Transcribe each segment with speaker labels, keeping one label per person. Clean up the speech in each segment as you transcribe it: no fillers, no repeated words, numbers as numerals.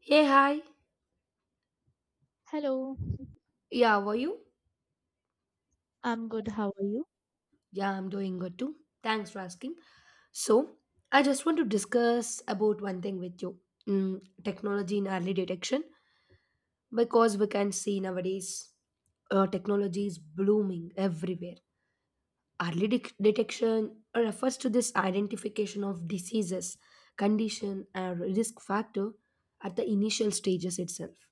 Speaker 1: Hey, hi.
Speaker 2: Hello,
Speaker 1: Yeah, how are you?
Speaker 2: I'm good. How are you?
Speaker 1: Yeah, I'm doing good too. Thanks for asking. So, I just want to discuss about one thing with you. Technology in early detection because we can see nowadays technology is blooming everywhere. Detection refers to this identification of diseases, condition, and risk factor at the initial stages itself,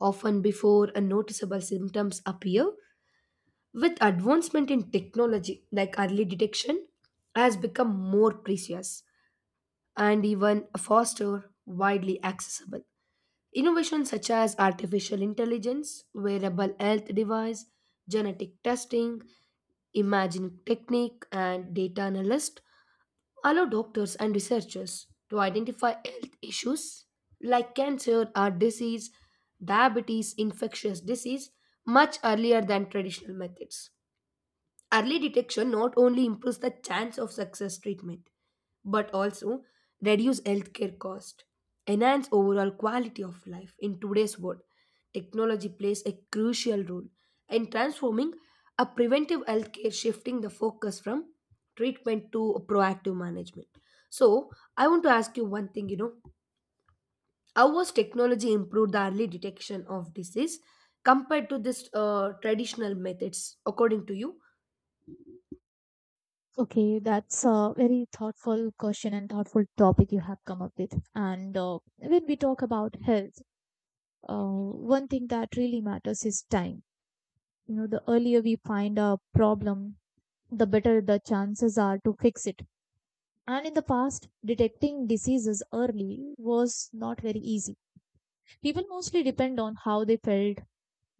Speaker 1: often before a noticeable symptoms appear. With advancement in technology like early detection has become more precious and even faster widely accessible innovations such as artificial intelligence wearable health device, genetic testing, imaging technique, and data analyst allow doctors and researchers to identify health issues like cancer, heart disease, diabetes, infectious disease much earlier than traditional methods. Early detection not only improves the chance of success treatment, but also reduce healthcare cost, enhance overall quality of life. In today's world, technology plays a crucial role in transforming a preventive healthcare, shifting the focus from treatment to proactive management. So, I want to ask you one thing. You know, how was technology improved the early detection of disease compared to this traditional methods, according to you?
Speaker 2: Okay, that's a very thoughtful question and thoughtful topic you have come up with. And when we talk about health, one thing that really matters is time. You know, the earlier we find a problem, the better the chances are to fix it. And in the past, detecting diseases early was not very easy. People mostly depend on how they felt.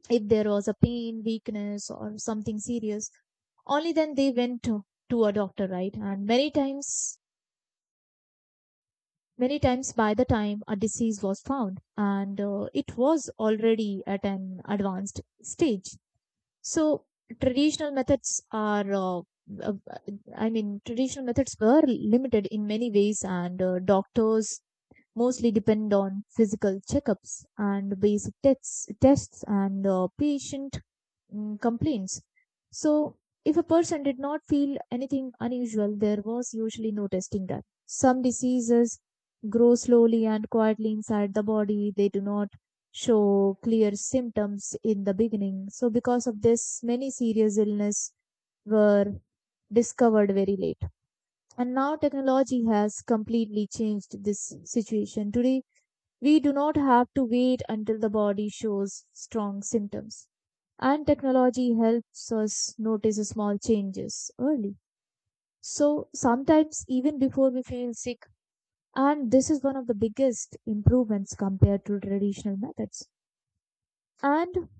Speaker 2: If there was a pain, weakness, or something serious, only then they went to a doctor, right? And many times by the time a disease was found, and it was already at an advanced stage. So traditional methods are uh, I mean traditional methods were limited in many ways, and doctors mostly depend on physical checkups and basic tests and patient complaints. So, if a person did not feel anything unusual, there was usually no testing done. Some diseases grow slowly and quietly inside the body. They do not show clear symptoms in the beginning. So, because of this, many serious illnesses were discovered very late. And now technology has completely changed this situation. Today, we do not have to wait until the body shows strong symptoms. And technology helps us notice small changes early, so sometimes even before we feel sick. And this is one of the biggest improvements compared to traditional methods. And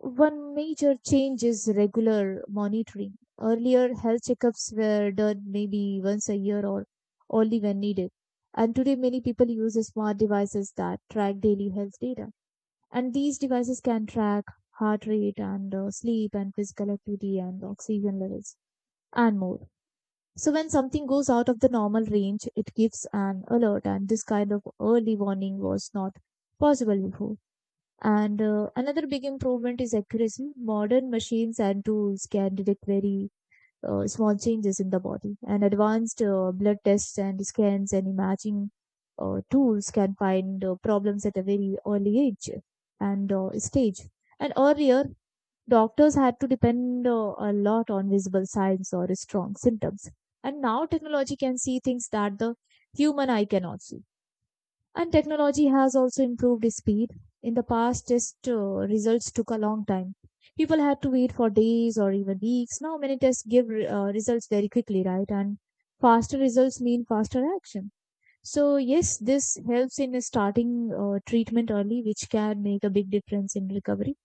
Speaker 2: one major change is regular monitoring. Earlier, health checkups were done maybe once a year or only when needed. And today, many people use smart devices that track daily health data. And these devices can track heart rate and sleep and physical activity and oxygen levels and more. So, when something goes out of the normal range, it gives an alert, and this kind of early warning was not possible before. And another big improvement is accuracy. Modern machines and tools can detect very small changes in the body, and advanced blood tests and scans and imaging tools can find problems at a very early age and stage. And earlier, doctors had to depend a lot on visible signs or strong symptoms. And now technology can see things that the human eye cannot see, and technology has also improved its speed. In the past, test results took a long time. People had to wait for days or even weeks. Now, many tests give results very quickly, right? And faster results mean faster action. So, yes, this helps in starting treatment early, which can make a big difference in recovery.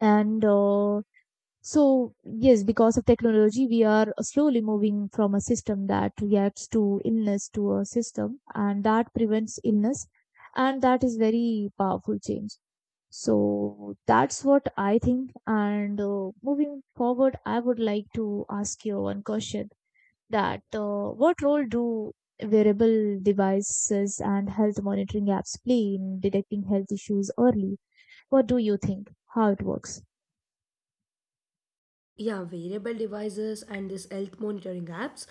Speaker 2: And so, yes, because of technology, we are slowly moving from a system that reacts to illness to a system and that prevents illness. And that is very powerful change. So that's what I think. And moving forward, I would like to ask you one question that what role do wearable devices and health monitoring apps play in detecting health issues early? What do you think? How it works?
Speaker 1: Yeah, wearable devices and these health monitoring apps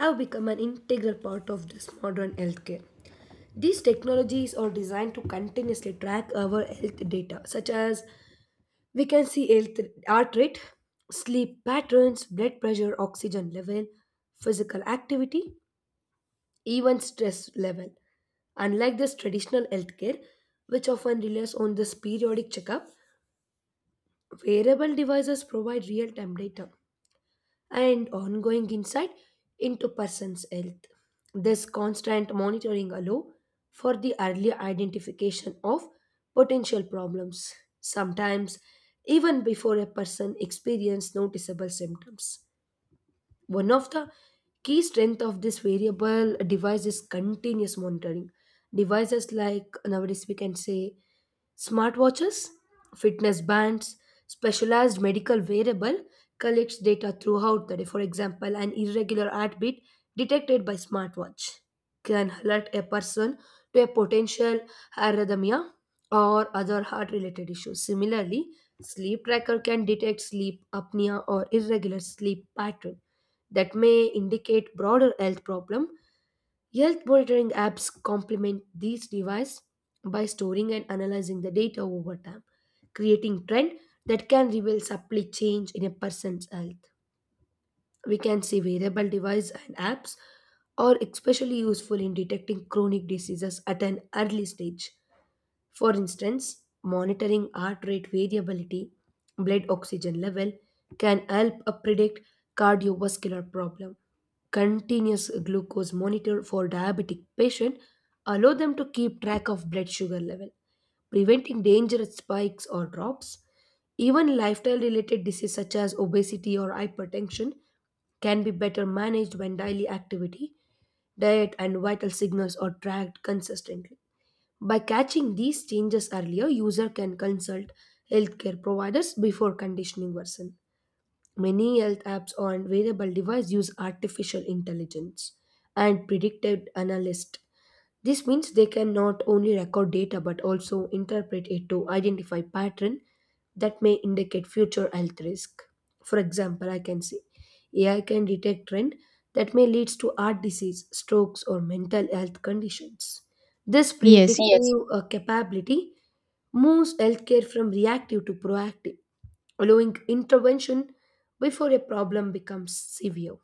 Speaker 1: have become an integral part of this modern healthcare. These technologies are designed to continuously track our health data, such as we can see health, heart rate, sleep patterns, blood pressure, oxygen level, physical activity, even stress level. Unlike this traditional healthcare, which often relies on this periodic checkup, wearable devices provide real time data and ongoing insight into person's health. This constant monitoring allow for the early identification of potential problems, sometimes even before a person experiences noticeable symptoms. One of the key strength of this variable device is continuous monitoring. Devices like nowadays we can say smartwatches, fitness bands, specialized medical wearable collects data throughout the day. For example, an irregular heartbeat detected by smartwatch can alert a person to a potential arrhythmia or other heart-related issues. Similarly, sleep tracker can detect sleep apnea or irregular sleep pattern that may indicate broader health problem. Health monitoring apps complement these devices by storing and analyzing the data over time, creating trend that can reveal subtly change in a person's health. We can see wearable devices and apps are especially useful in detecting chronic diseases at an early stage. For instance, monitoring heart rate variability, blood oxygen level can help predict cardiovascular problem. Continuous glucose monitor for diabetic patient allow them to keep track of blood sugar level, preventing dangerous spikes or drops. Even lifestyle related diseases such as obesity or hypertension can be better managed when daily activity, diet, and vital signals are tracked consistently. By catching these changes earlier, user can consult healthcare providers before conditioning worsen. Many health apps on wearable device use artificial intelligence and predictive analyst. This means they can not only record data but also interpret it to identify pattern that may indicate future health risk. For example, I can say AI can detect trend that may leads to heart disease, strokes, or mental health conditions. This Yes.
Speaker 2: Yes,
Speaker 1: predictive capability moves healthcare from reactive to proactive, allowing intervention before a problem becomes severe.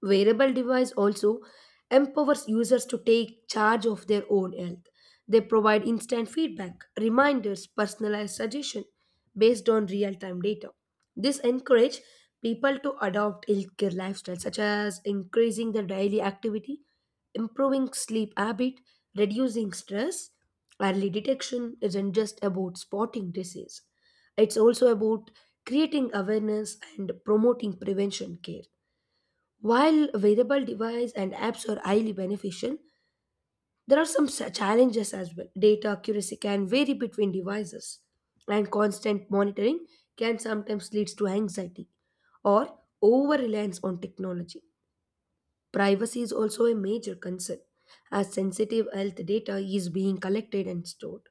Speaker 1: Wearable device also empowers users to take charge of their own health. They provide instant feedback, reminders, personalized suggestion based on real-time data. This encourage people to adopt healthier lifestyles such as increasing their daily activity, improving sleep habit, reducing stress. Early detection isn't just about spotting disease. It's also about creating awareness and promoting prevention care. While wearable devices and apps are highly beneficial, there are some challenges as well. Data accuracy can vary between devices, and constant monitoring can sometimes lead to anxiety or over reliance on technology. Privacy is also a major concern, as sensitive health data is being collected and stored.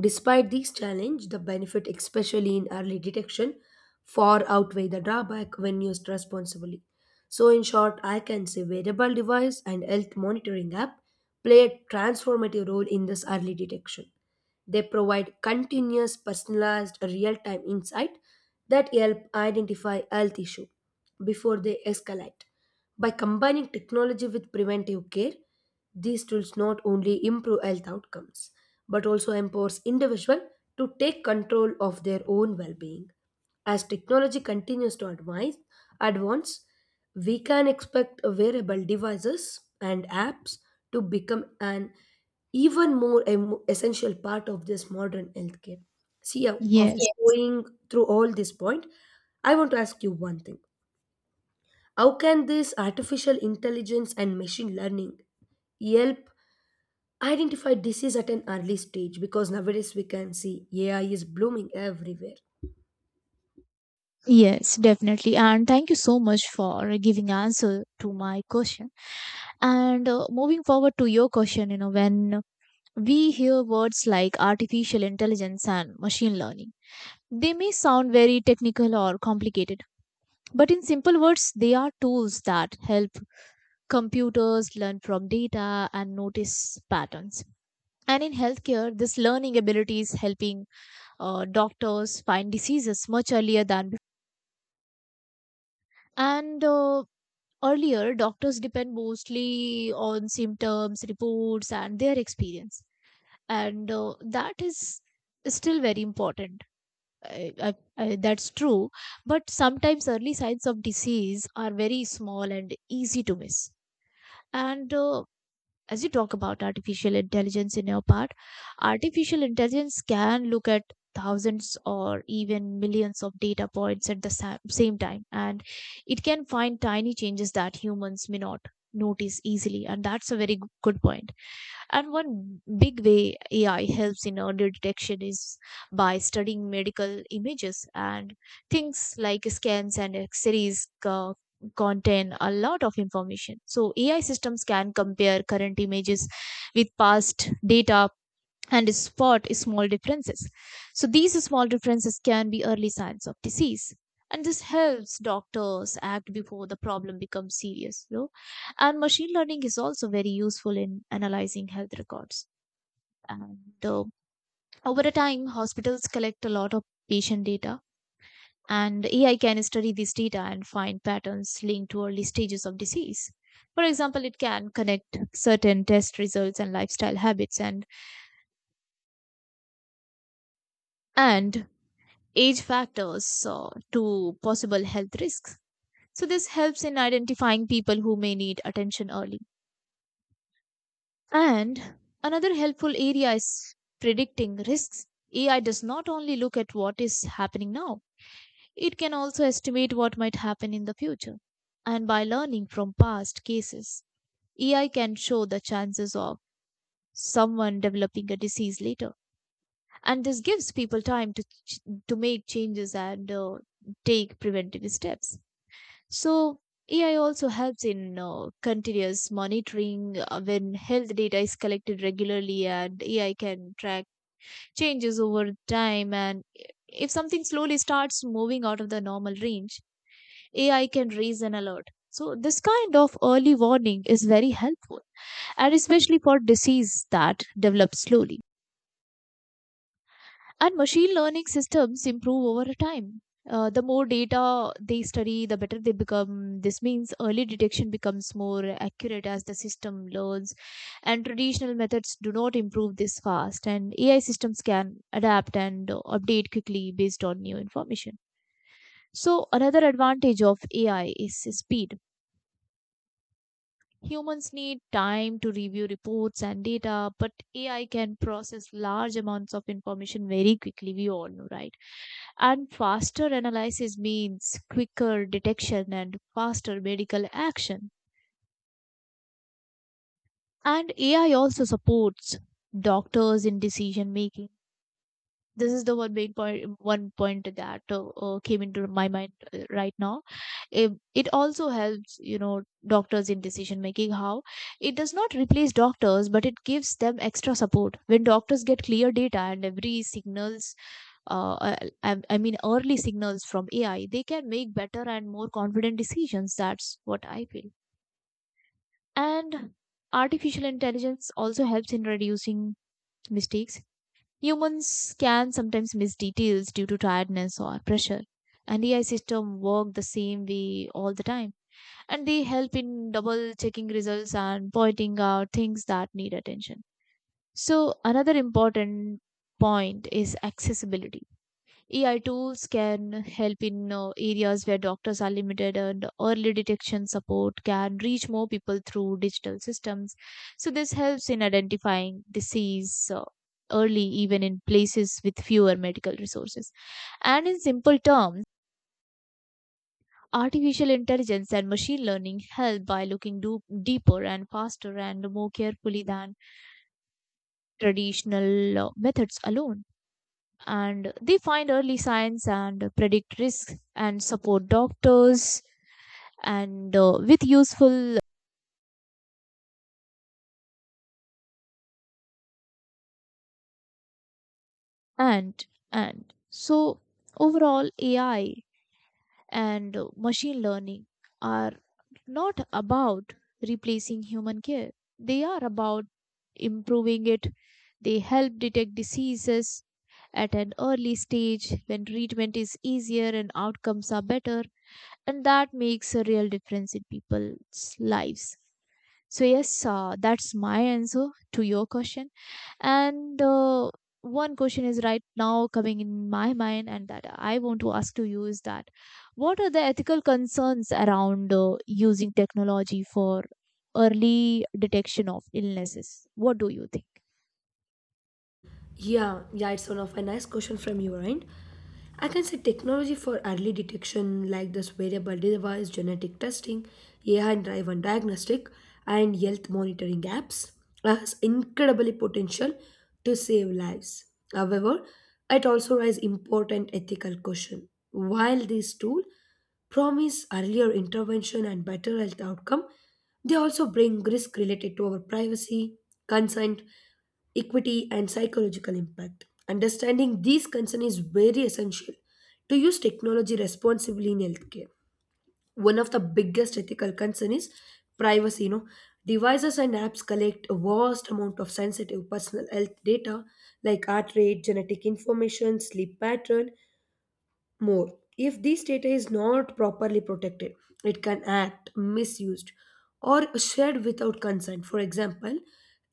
Speaker 1: Despite these challenges, the benefit, especially in early detection, far outweigh the drawback when used responsibly. So, in short, I can say wearable device and health monitoring app play a transformative role in this early detection. They provide continuous, personalized, real time insight that help identify health issues before they escalate. By combining technology with preventive care, these tools not only improve health outcomes but also empowers individuals to take control of their own well-being. As technology continues to advance, advance, we can expect wearable devices and apps to become an even more essential part of this modern healthcare. See, after
Speaker 2: yes.
Speaker 1: going through all this point, I want to ask you one thing. How can this artificial intelligence and machine learning help identify disease at an early stage because nowadays we can see AI is blooming everywhere.
Speaker 2: Yes, definitely. And thank you so much for giving answer to my question. And moving forward to your question, you know, when we hear words like artificial intelligence and machine learning, they may sound very technical or complicated, but in simple words, they are tools that help computers learn from data and notice patterns. And in healthcare, this learning ability is helping doctors find diseases much earlier than before. And Earlier, doctors depend mostly on symptoms, reports, and their experience, and that is still very important. That's true, but sometimes early signs of disease are very small and easy to miss. And as you talk about artificial intelligence in your part, artificial intelligence can look at thousands or even millions of data points at the same time, and it can find tiny changes that humans may not notice easily. And that's a very good point. And one big way AI helps in early detection is by studying medical images, and things like scans and x-rays contain a lot of information. So AI systems can compare current images with past data and spot small differences. So these small differences can be early signs of disease. And this helps doctors act before the problem becomes serious, you know? And machine learning is also very useful in analyzing health records. And uh, Over a time, hospitals collect a lot of patient data, and AI can study this data and find patterns linked to early stages of disease. For example, it can connect certain test results and lifestyle habits and and age factors, so, to possible health risks. So, this helps in identifying people who may need attention early. And another helpful area is predicting risks. AI does not only look at what is happening now, it can also estimate what might happen in the future. And by learning from past cases, AI can show the chances of someone developing a disease later. And this gives people time to make changes and take preventive steps. So AI also helps in continuous monitoring. When health data is collected regularly, and AI can track changes over time, and if something slowly starts moving out of the normal range, AI can raise an alert. So this kind of early warning is very helpful, and especially for disease that develops slowly. And machine learning systems improve over time. The more data they study, the better they become. This means early detection becomes more accurate as the system learns, and traditional methods do not improve this fast. And AI systems can adapt and update quickly based on new information. So, another advantage of AI is speed. Humans need time to review reports and data, but AI can process large amounts of information very quickly, we all know, right? And faster analysis means quicker detection and faster medical action. And AI also supports doctors in decision making. This is the one main point, one point that came into my mind right now. It also helps, you know, doctors in decision making. How it does not replace doctors, but it gives them extra support. When doctors get clear data and every signals, uh, uh, I mean early signals from AI, they can make better and more confident decisions. That's what I feel. And artificial intelligence also helps in reducing mistakes. Humans can sometimes miss details due to tiredness or pressure. And AI system work the same way all the time. And they help in double checking results and pointing out things that need attention. So another important point is accessibility. AI tools can help in areas where doctors are limited, and early detection support can reach more people through digital systems. So, this helps in identifying disease early, even in places with fewer medical resources. And in simple terms, artificial intelligence and machine learning help by looking deeper and faster and more carefully than traditional methods alone, and they find early signs and predict risks and support doctors and with useful and and so overall AI and machine learning are not about replacing human care. They are about improving it. They help detect diseases at an early stage when treatment is easier and outcomes are better, and that makes a real difference in people's lives. So yes, that's my answer to your question. And one question is right now coming in my mind, and that I want to ask to you is that what are the ethical concerns around using technology for early detection of illnesses? What do you think?
Speaker 1: Yeah, it's one of a nice question from your end. I can say technology for early detection like this wearable device, genetic testing, AI-driven diagnostic, and health monitoring apps has incredibly potential to save lives. However, it also raises important ethical question. While these tools promise earlier intervention and better health outcome, they also bring risk related to our privacy, consent, equity, and psychological impact. Understanding these concerns is very essential to use technology responsibly in healthcare. One of the biggest ethical concerns is privacy. You know, devices and apps collect a vast amount of sensitive personal health data like heart rate, genetic information, sleep pattern, more. If this data is not properly protected, it can act misused or shared without consent. For example,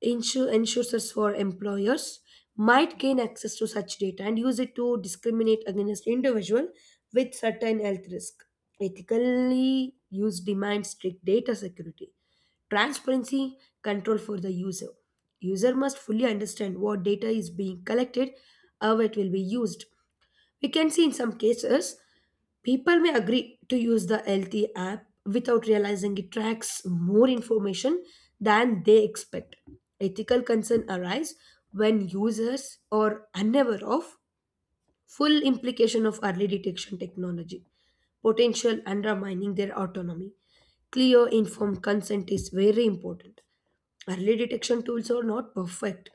Speaker 1: insurers for employers might gain access to such data and use it to discriminate against individual with certain health risk. Ethically use demands strict data security, transparency, control for the user. User must fully understand what data is being collected, how it will be used. We can see in some cases, people may agree to use the healthy app without realizing it tracks more information than they expect. Ethical concern arise when users are unaware of full implication of early detection technology, potential undermining their autonomy. Clear informed consent is very important. Early detection tools are not perfect.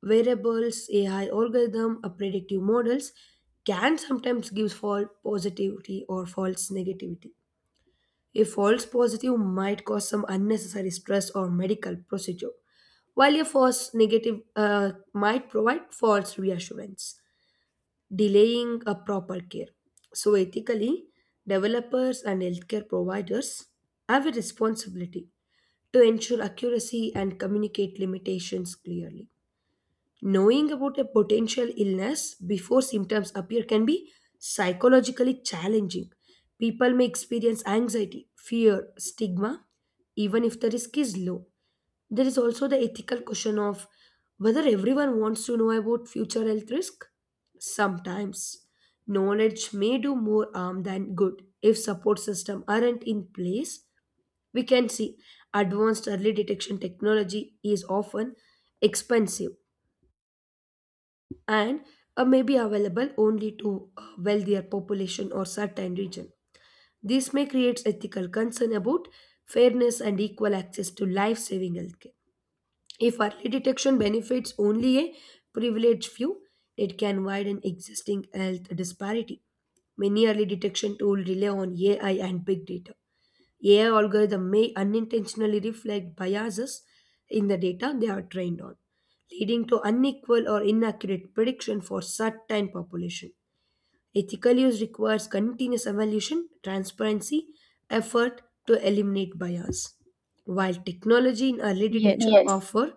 Speaker 1: Variables, AI algorithm, or predictive models can sometimes give false positivity or false negativity. A false positive might cause some unnecessary stress or medical procedure, while a false negative might provide false reassurance, delaying a proper care. So, ethically, developers and healthcare providers have a responsibility to ensure accuracy and communicate limitations clearly. Knowing about a potential illness before symptoms appear can be psychologically challenging. People may experience anxiety, fear, stigma, even if the risk is low. There is also the ethical question of whether everyone wants to know about future health risk. Sometimes knowledge may do more harm than good if support systems aren't in place. We can see advanced early detection technology is often expensive and may be available only to a wealthier population or certain region. This may create ethical concern about fairness and equal access to life-saving healthcare. If early detection benefits only a privileged few, it can widen existing health disparity. Many early detection tools rely on AI and big data. AI algorithms may unintentionally reflect biases in the data they are trained on, leading to unequal or inaccurate prediction for certain population. Ethical use requires continuous evaluation, transparency, effort to eliminate bias. While technology in early
Speaker 2: Yes.
Speaker 1: detection offer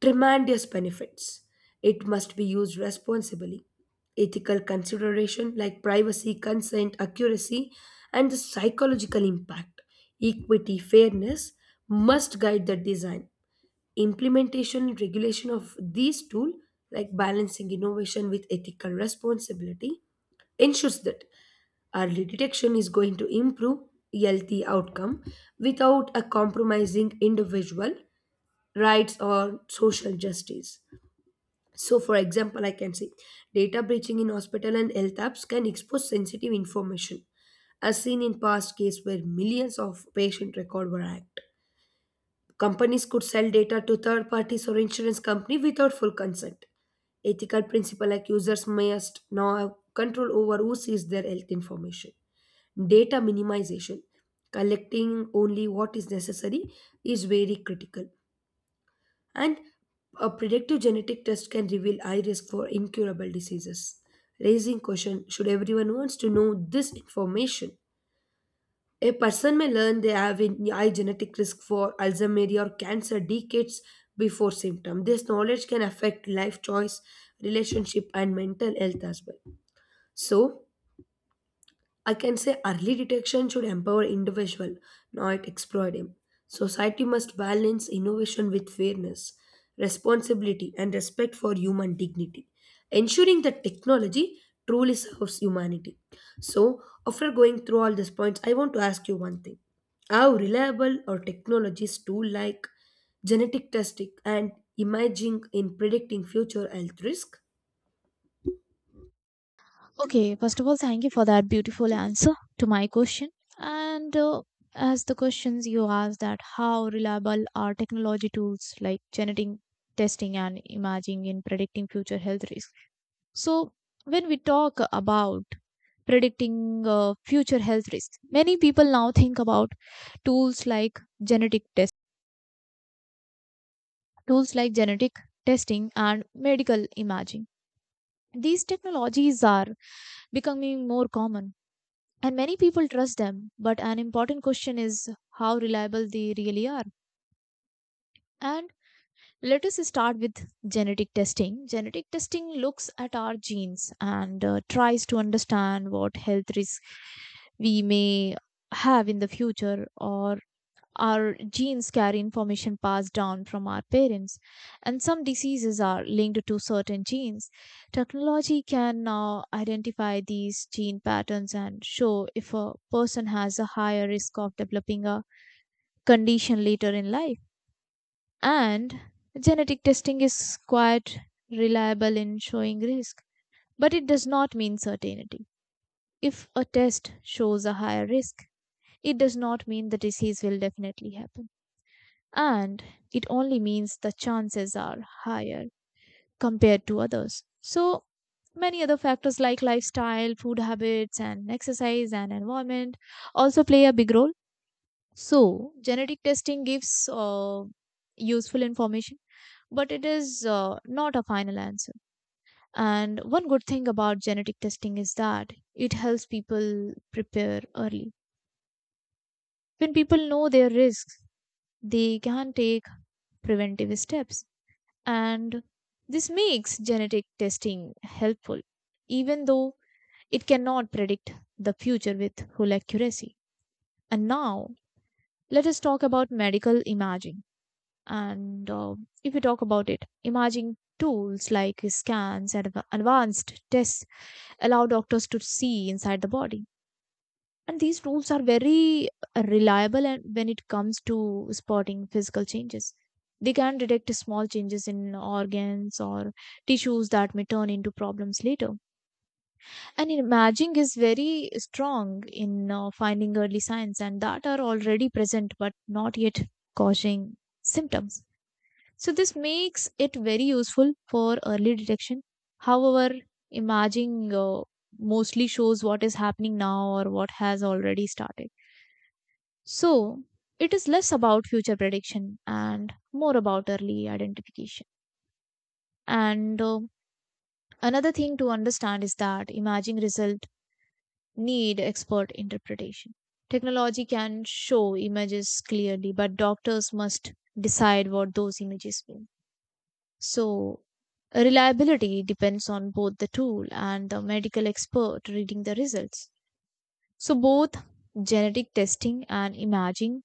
Speaker 1: tremendous benefits, it must be used responsibly. Ethical consideration like privacy, consent, accuracy, and the psychological impact, equity, fairness must guide the design, implementation, and regulation of these tools. Like balancing innovation with ethical responsibility, ensures that early detection is going to improve healthy outcome without a compromising individual rights or social justice. So, for example, I can say data breaching in hospital and health apps can expose sensitive information, as seen in past case where millions of patient records were hacked. Companies could sell data to third parties or insurance company without full consent. Ethical principle like users must now have control over who sees their health information. Data minimization, collecting only what is necessary, is very critical. And a predictive genetic test can reveal high risk for incurable diseases, raising question should everyone wants to know this information. A person may learn they have a high genetic risk for Alzheimer's or cancer decades before symptom. This knowledge can affect life choice, relationship, and mental health as well. So, I can say early detection should empower individual, not exploit him. Society must balance innovation with fairness, responsibility, and respect for human dignity, ensuring that technology truly serves humanity. So, after going through all these points, I want to ask you one thing: how reliable are technologies too like genetic testing and imaging in predicting future health risk?
Speaker 2: Okay, first of all, thank you for that beautiful answer to my question. And as the questions you asked, that how reliable are technology tools like genetic testing and imaging in predicting future health risks? So, when we talk about predicting future health risks, many people now think about tools like genetic test, tools like genetic testing and medical imaging. These technologies are becoming more common, and many people trust them, but an important question is how reliable they really are. And let us start with genetic testing. Genetic testing looks at our genes and tries to understand what health risks we may have in the future. Or our genes carry information passed down from our parents, and some diseases are linked to certain genes. Technology can now identify these gene patterns and show if a person has a higher risk of developing a condition later in life. And genetic testing is quite reliable in showing risk, but it does not mean certainty. If a test shows a higher risk, it does not mean the disease will definitely happen. And it only means the chances are higher compared to others. So, many other factors like lifestyle, food habits, and exercise and environment also play a big role. So, genetic testing gives useful information, but it is not a final answer. And one good thing about genetic testing is that it helps people prepare early. When people know their risks, they can take preventive steps. And this makes genetic testing helpful even though it cannot predict the future with full accuracy. And now let us talk about medical imaging. And if we talk about it, imaging tools like scans and advanced tests allow doctors to see inside the body, and these tools are very reliable and when it comes to spotting physical changes. They can detect small changes in organs or tissues that may turn into problems later. And imaging is very strong in finding early signs and that are already present but not yet causing symptoms. So, this makes it very useful for early detection. However, imaging mostly shows what is happening now or what has already started. So it is less about future prediction and more about early identification. And another thing to understand is that imaging result need expert interpretation. Technology can show images clearly, but doctors must decide what those images mean. So reliability depends on both the tool and the medical expert reading the results. So both genetic testing and imaging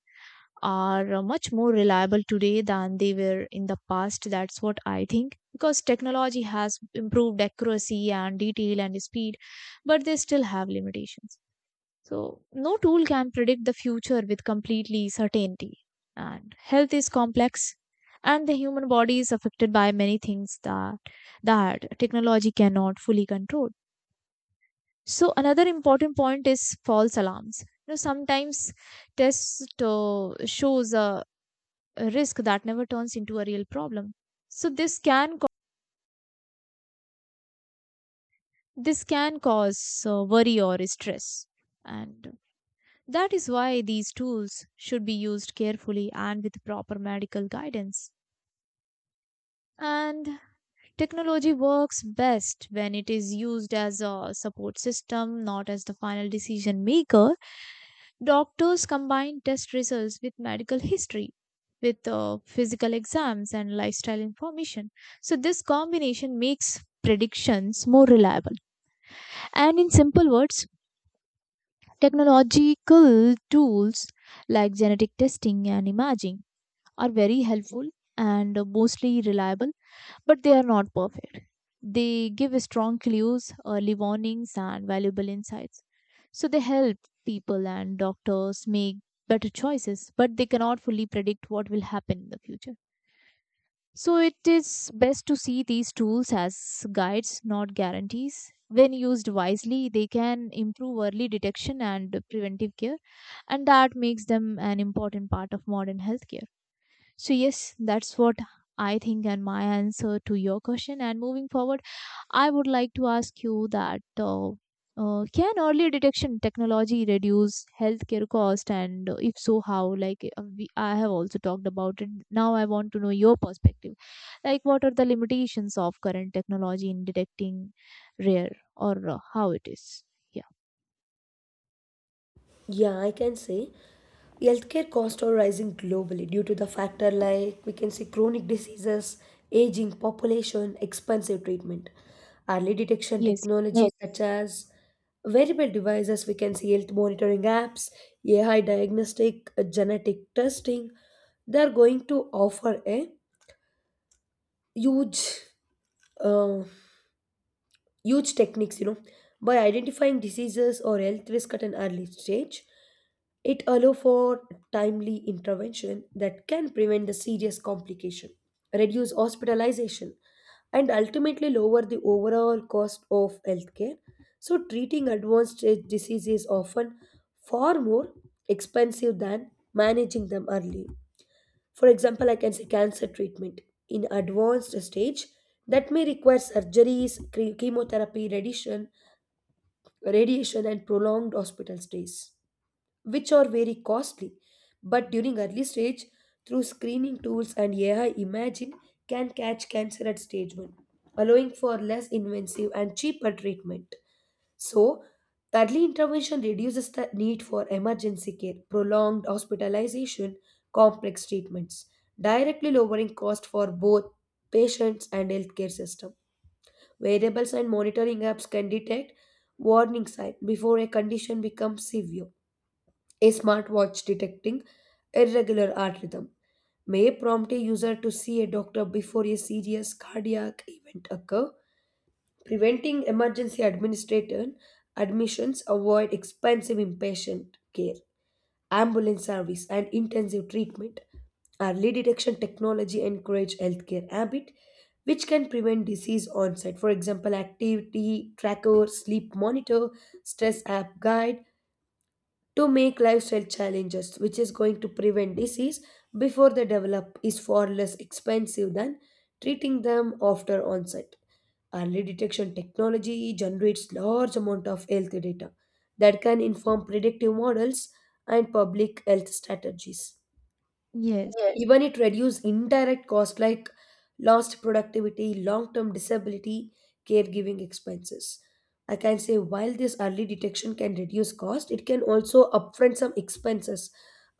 Speaker 2: are much more reliable today than they were in the past. That's what I think. Because technology has improved accuracy and detail and speed, but they still have limitations. So, no tool can predict the future with completely certainty. And health is complex, and the human body is affected by many things that technology cannot fully control. So, another important point is false alarms. You know, sometimes test shows a risk that never turns into a real problem. So this can cause worry or stress, and that is why these tools should be used carefully and with proper medical guidance. And technology works best when it is used as a support system, not as the final decision maker. Doctors combine test results with medical history, with physical exams, and lifestyle information. So, this combination makes predictions more reliable. And in simple words, technological tools like genetic testing and imaging are very helpful and mostly reliable, but they are not perfect. They give strong clues, early warnings, and valuable insights. So they help people and doctors make better choices, but they cannot fully predict what will happen in the future. So it is best to see these tools as guides, not guarantees. When used wisely, they can improve early detection and preventive care, and that makes them an important part of modern healthcare. So, yes, that's what I think, and my answer to your question. And moving forward, I would like to ask you that can early detection technology reduce healthcare cost? And if so, how? Like, I have also talked about it. Now, I want to know your perspective. Like, what are the limitations of current technology in detecting rare or how it is? Yeah.
Speaker 1: Yeah, I can say healthcare costs are rising globally due to the factor like we can see chronic diseases, aging population, expensive treatment, early detection
Speaker 2: Yes,
Speaker 1: technologies Yes. such as wearable devices, we can see health monitoring apps, AI diagnostic, genetic testing. They are going to offer a huge uh, huge techniques, you know, by identifying diseases or health risk at an early stage. It allow for timely intervention that can prevent the serious complication, reduce hospitalization, and ultimately lower the overall cost of healthcare. So treating advanced stage disease is often far more expensive than managing them early. For example, I can say cancer treatment in advanced stage that may require surgeries, chemotherapy, radiation, and prolonged hospital stays, which are very costly. But during early stage, through screening tools and AI imagine can catch cancer at stage 1, allowing for less invasive and cheaper treatment. So, early intervention reduces the need for emergency care, prolonged hospitalization, complex treatments, directly lowering cost for both patients and healthcare system. Variables and monitoring apps can detect warning signs before a condition becomes severe. A smartwatch detecting irregular heart rhythm may prompt a user to see a doctor before a serious cardiac event occur. Preventing emergency administrator admissions avoid expensive inpatient care, ambulance service, and intensive treatment. Early detection technology encourage healthcare habit which can prevent disease onset. For example, activity tracker, sleep monitor, stress app guide to make lifestyle challenges which is going to prevent disease before they develop is far less expensive than treating them after onset. Early detection technology generates large amount of health data that can inform predictive models and public health strategies.
Speaker 2: yes,
Speaker 1: Even it reduce indirect cost like lost productivity, long-term disability, caregiving expenses. I can say while this early detection can reduce cost, it can also upfront some expenses.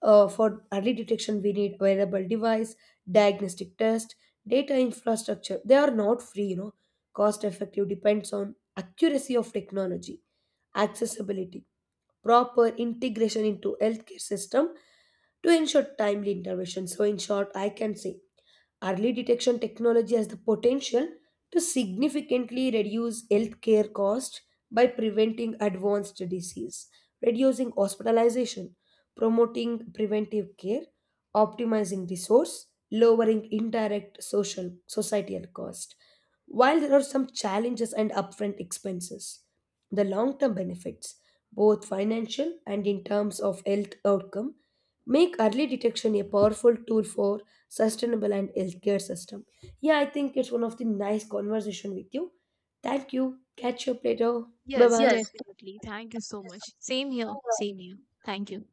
Speaker 1: For early detection we need wearable device, diagnostic test, data infrastructure. They are not free, you know. Cost effective depends on accuracy of technology, accessibility, proper integration into healthcare system to ensure timely intervention. So, in short, I can say early detection technology has the potential to significantly reduce healthcare costs by preventing advanced disease, reducing hospitalization, promoting preventive care, optimizing resource, lowering indirect social societal cost. While there are some challenges and upfront expenses, the long term benefits, both financial and in terms of health outcome, make early detection a powerful tool for sustainable and healthcare system. Yeah, I think it's one of the nice conversation with you. Thank you. Catch you up later. Bye
Speaker 2: yes,
Speaker 1: bye.
Speaker 2: definitely. Thank you so much. Same here, same here. Thank you.